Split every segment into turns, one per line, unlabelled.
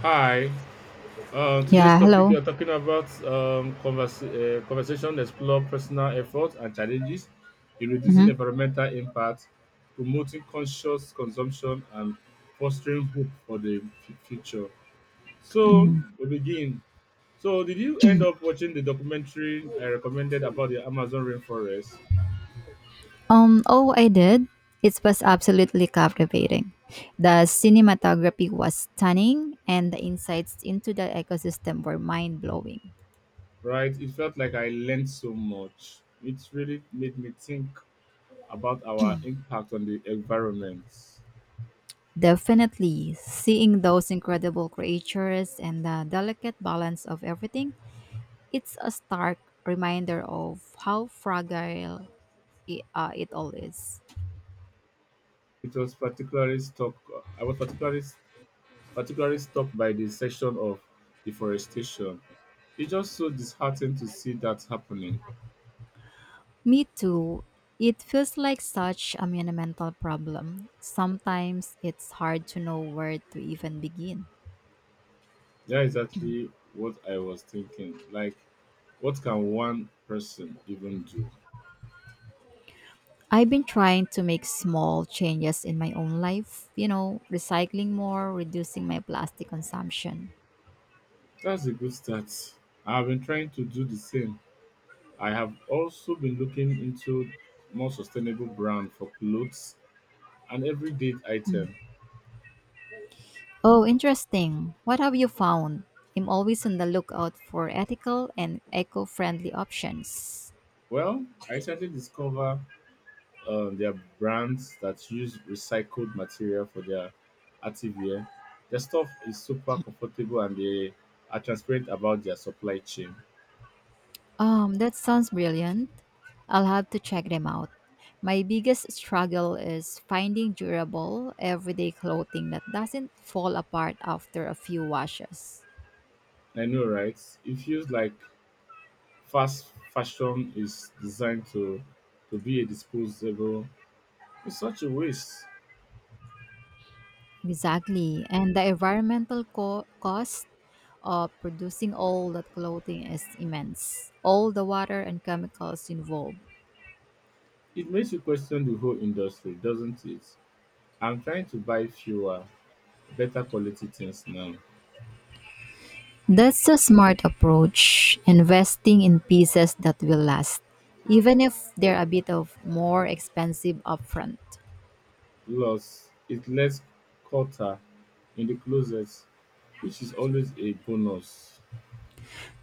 Hi. Today's
Yeah,
topic, we
hello.
are talking about conversation explore personal efforts and challenges in reducing
Mhm,
environmental impact, promoting conscious consumption, and fostering hope for the future. So
mhm.
we begin. So did you end up watching the documentary I recommended about the Amazon rainforest?
Oh, I did. It was absolutely captivating. The cinematography was stunning, and the insights into the ecosystem were mind blowing.
Right, it felt like I learned so much. It really made me think about our impact on the environment.
Definitely, seeing those incredible creatures and the delicate balance of everything, it's a stark reminder of how fragile it all is.
It was particularly struck I was particularly struck by the section of deforestation. It's just so disheartening to see that happening.
Me too. It feels like such a monumental problem. Sometimes it's hard to know where to even begin.
That's exactly what I was thinking. Like, what can one person even do?
I've been trying to make small changes in my own life, you know, recycling more, reducing my plastic consumption.
That's a good start. I have been trying to do the same. I have also been looking into more sustainable brand for clothes and everyday item.
Oh, interesting. What have you found? I'm always on the lookout for ethical and eco friendly options.
Well, I recently discovered there are brands that use recycled material for their activewear. Their stuff is super comfortable and they are transparent about their supply chain.
That sounds brilliant. I'll have to check them out. My biggest struggle is finding durable, everyday clothing that doesn't fall apart after a few washes.
I know, right? It feels like fast fashion is designed to be a disposable in such a waste.
Exactly. And the environmental cost of producing all that clothing is immense. All the water and chemicals involved.
It makes you question the whole industry, doesn't it? I'm trying to buy fewer, better quality things now.
That's a smart approach, investing in pieces that will last, even if they're a bit of more expensive upfront.
Loss, it lets Carter in the closet, which is always a bonus.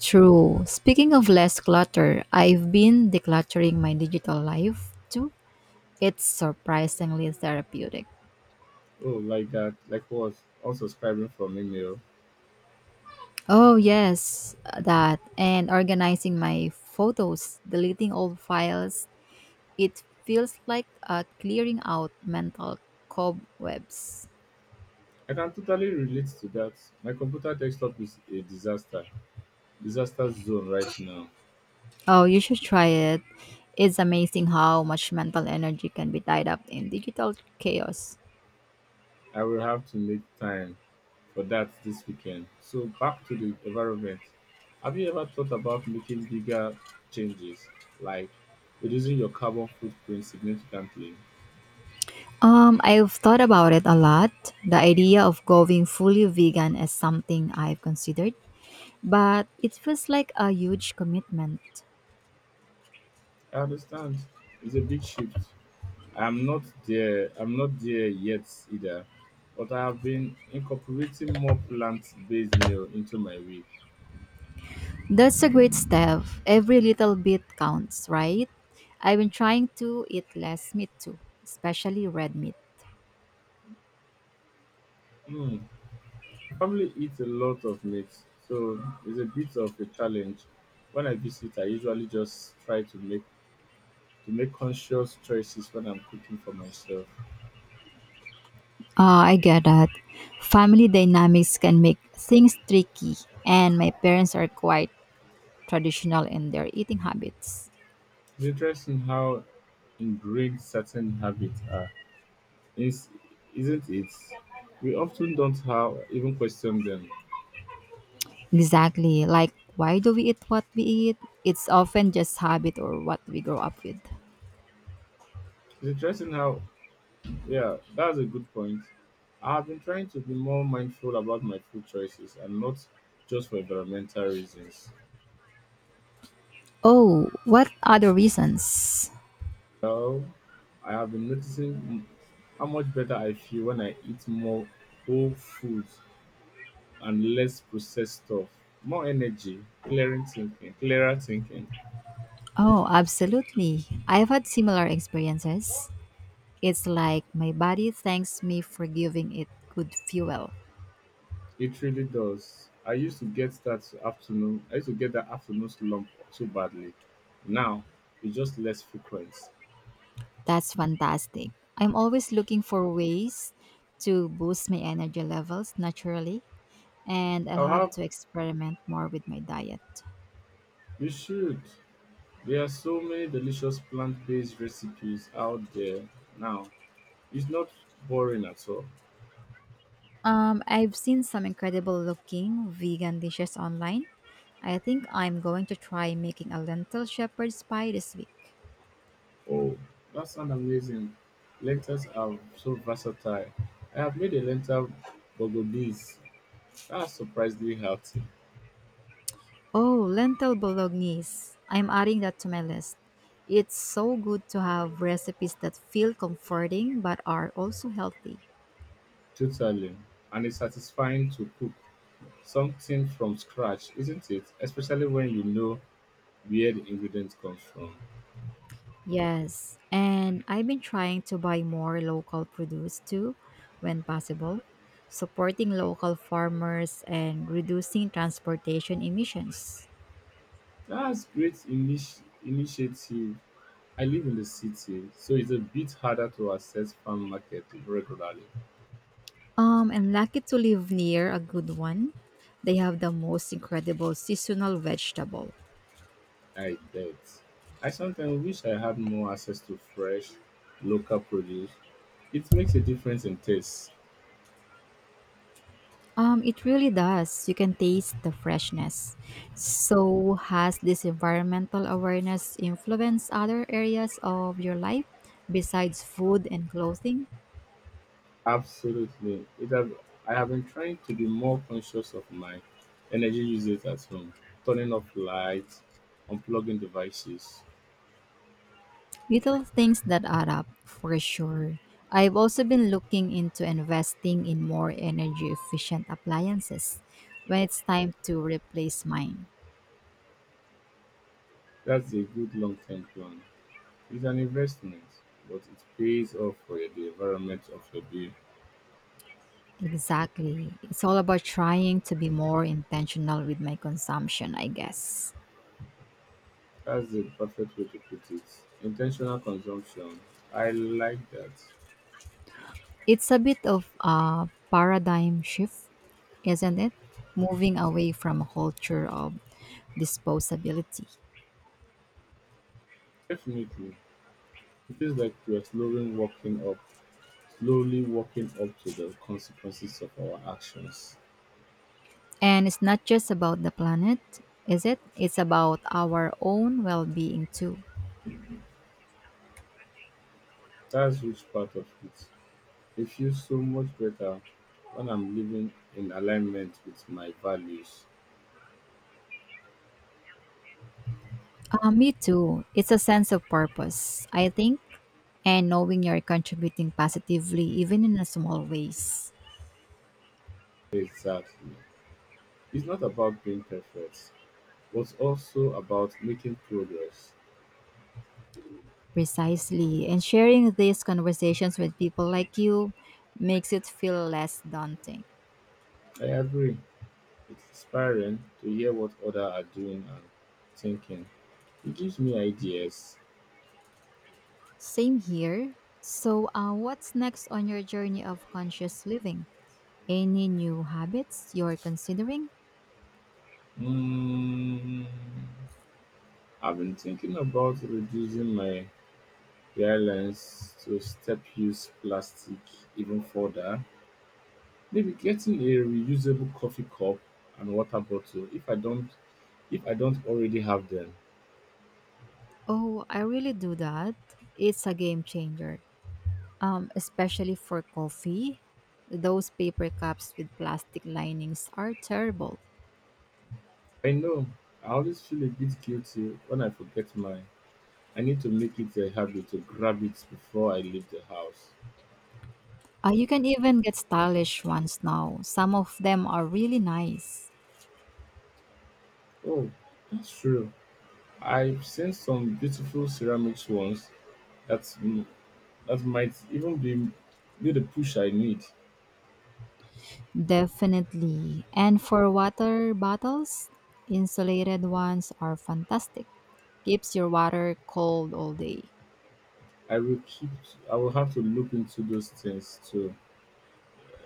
True. Speaking of less clutter, I've been decluttering my digital life too. It's surprisingly therapeutic.
Oh, like that. Like what? Unsubscribing from email.
Oh, yes, that. And organizing my photos, deleting old files. It feels like clearing out mental cobwebs.
I can totally relate to that. My computer desktop is a disaster. Disaster zone right now.
Oh, you should try it. It's amazing how much mental energy can be tied up in digital chaos.
I will have to make time for that this weekend. So back to the environment. Have you ever thought about making bigger changes, like reducing your carbon footprint significantly?
I've thought about it a lot. The idea of going fully vegan is something I've considered, but it feels like a huge commitment.
I understand. It's a big shift, I'm not there yet either, but I have been incorporating more plant-based meal into my week.
That's a great step. Every little bit counts, right? I've been trying to eat less meat too, especially red meat.
Hmm. Family eats a lot of meat, so it's a bit of a challenge. When I visit, I usually just try to make conscious choices when I'm cooking for myself.
Ah, I get that. Family dynamics can make things tricky, and my parents are quite traditional in their eating habits.
It's interesting how ingrained certain habits are, is, isn't it? We often don't have even question them.
Exactly. Like, why do we eat what we eat? It's often just habit or what we grow up with.
It's interesting how Yeah, that's a good point. I've been trying to be more mindful about my food choices, and not just for environmental reasons.
Oh, what other reasons?
Well, I have been noticing how much better I feel when I eat more whole foods and less processed stuff. More energy, clearer thinking.
Oh, absolutely. I've had similar experiences. It's like my body thanks me for giving it good fuel.
It really does. I used to get that afternoon slump so badly. Now it's just less frequent.
That's fantastic. I'm always looking for ways to boost my energy levels naturally, and I'll
I'll
have
have.
to experiment more with my diet.
You should. There are so many delicious plant-based recipes out there now. It's not boring at all.
I've seen some incredible looking vegan dishes online. I think I'm going to try making a lentil shepherd's pie this week.
Oh, that sounds amazing. Lentils are so versatile. I have made a lentil bolognese that's surprisingly healthy,
Oh, lentil bolognese. I'm adding that to my list. It's so good to have recipes that feel comforting but are also healthy.
totally, and it's satisfying to cook something from scratch, isn't it? Especially when you know where the ingredient comes from.
Yes, and I've been trying to buy more local produce too when possible, supporting local farmers and reducing transportation emissions.
That's great initiative. I live in the city, so it's a bit harder to access farm market regularly.
I'm lucky to live near a good one. They have the most incredible seasonal vegetable.
Than I bet. I sometimes wish I had more access to fresh, local produce. It makes a difference in taste.
It really does. You can taste the freshness. So, has this environmental awareness influenced other areas of your life besides food and clothing?
Absolutely. It have, I have been trying to be more conscious of my energy usage at home, turning off lights, unplugging devices.
Little things that add up, for sure. I've also been looking into investing in more energy efficient appliances when it's time to replace mine.
That's a good long term plan. It's an investment, but it pays off for the environment of your bill.
Exactly. It's all about trying to be more intentional with my consumption, I guess.
That's the perfect way to put it. Intentional consumption. I like that.
It's a bit of a paradigm shift, isn't it? Moving away from a culture of disposability.
Definitely. It feels like we're slowly walking up to the consequences of our actions.
And it's not just about the planet, is it? It's about our own well being too.
That's which part of it. It feels so much better when I'm living in alignment with my values.
Me too. It's a sense of purpose, I think, and knowing you're contributing positively, even in a small ways.
Exactly. It's not about being perfect, but also about making progress.
Precisely. And sharing these conversations with people like you makes it feel less daunting.
I agree. It's inspiring to hear what others are doing and thinking. It gives me ideas.
Same here. So, what's next on your journey of conscious living? Any new habits you're considering?
Mm, I've been thinking about reducing my reliance to step use plastic even further. Maybe getting a reusable coffee cup and water bottle if I don't already have them.
Oh, I really do that. It's a game changer, especially for coffee. Those paper cups with plastic linings are terrible.
I know, I always feel a bit guilty when I forget mine. I need to make it a habit to grab it before I leave the house.
You can even get stylish ones now. Some of them are really nice.
Oh, that's true. I've seen some beautiful ceramics ones that that might even be the push I need.
Definitely. And for water bottles, insulated ones are fantastic. Keeps your water cold all day.
I will keep. I will have to look into those things too.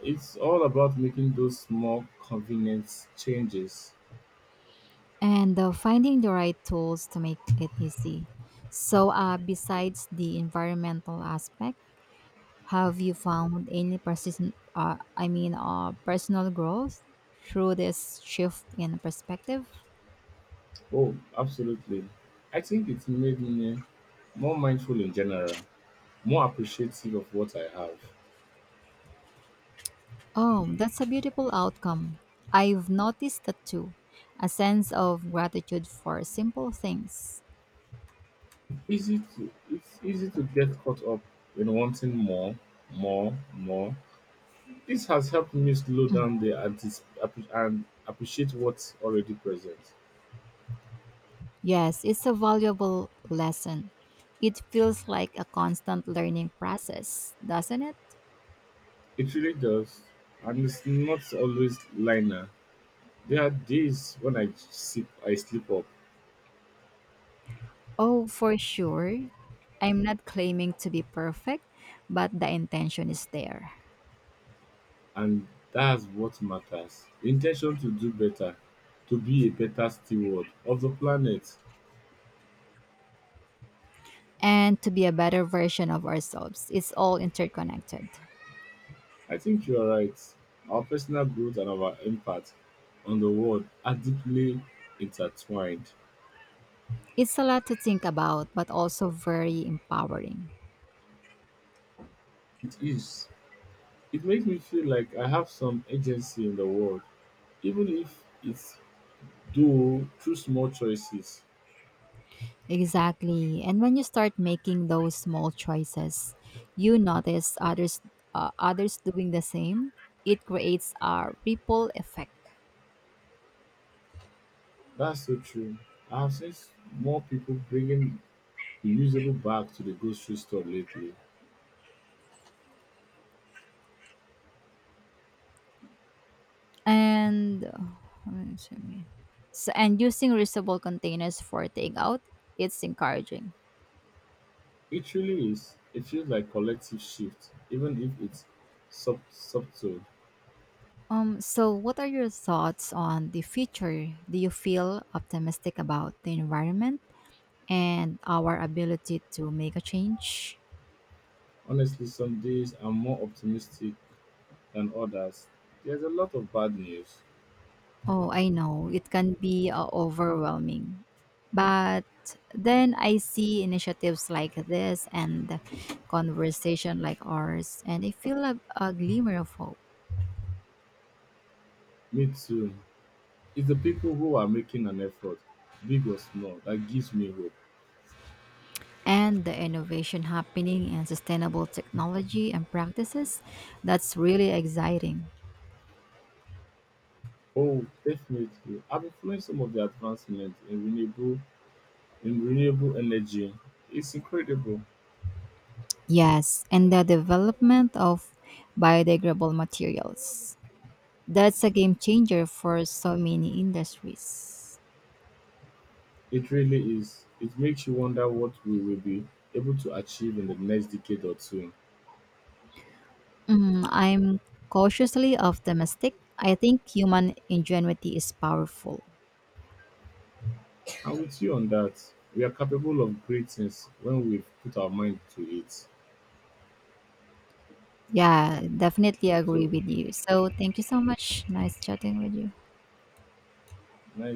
It's all about making those small, convenient changes.
And finding the right tools to make it easy. So, besides the environmental aspect, have you found any personal growth through this shift in perspective?
Oh, absolutely. I think it made me more mindful in general, more appreciative of what I have.
Oh, that's a beautiful outcome. I've noticed that too. A sense of gratitude for simple things.
Easy to It's easy to get caught up in wanting more, more, more. This has helped me slow
Mm.
down and appreciate what's already present.
Yes, it's a valuable lesson. It feels like a constant learning process, doesn't it?
It really does, and it's not always linear. There are days when I sleep up,
Oh, for sure. I'm not claiming to be perfect, but the intention is there.
and that's what matters. Intention to do better, to be a better steward of the planet.
And to be a better version of ourselves. It's all interconnected.
I think you are right. Our personal growth and our impact on the world are deeply intertwined.
It's a lot to think about, but also very empowering.
It is. It makes me feel like I have some agency in the world, even if it's though through small choices.
Exactly. And when you start making those small choices, you notice others doing the same. It creates a ripple effect.
That's so true. I have seen s- More people bringing reusable bags to the grocery store lately.
And excuse me. And using reusable containers for takeout, it's encouraging.
It really is. It feels like collective shift, even if it's subtle.
So what are your thoughts on the future? Do you feel optimistic about the environment and our ability to make a change?
Honestly, some days I'm more optimistic than others. There's a lot of bad news.
Oh, I know. It can be overwhelming. But then I see initiatives like this and conversation like ours, and I feel a glimmer of hope.
Me too. It's the people who are making an effort, big or small, that gives me hope.
And the innovation happening in sustainable technology and practices, that's really exciting.
Oh, definitely. I've been following some of the advancements in renewable energy. It's incredible.
Yes, and the development of biodegradable materials. That's a game changer for so many industries.
It really is. It makes you wonder what we will be able to achieve in the next decade or two.
Mm, I'm cautiously optimistic. I think human ingenuity is powerful.
And with you on that, we are capable of great things when we put our mind to it.
Yeah, definitely agree
So
with you. So thank you so much. Nice chatting with you.
nice.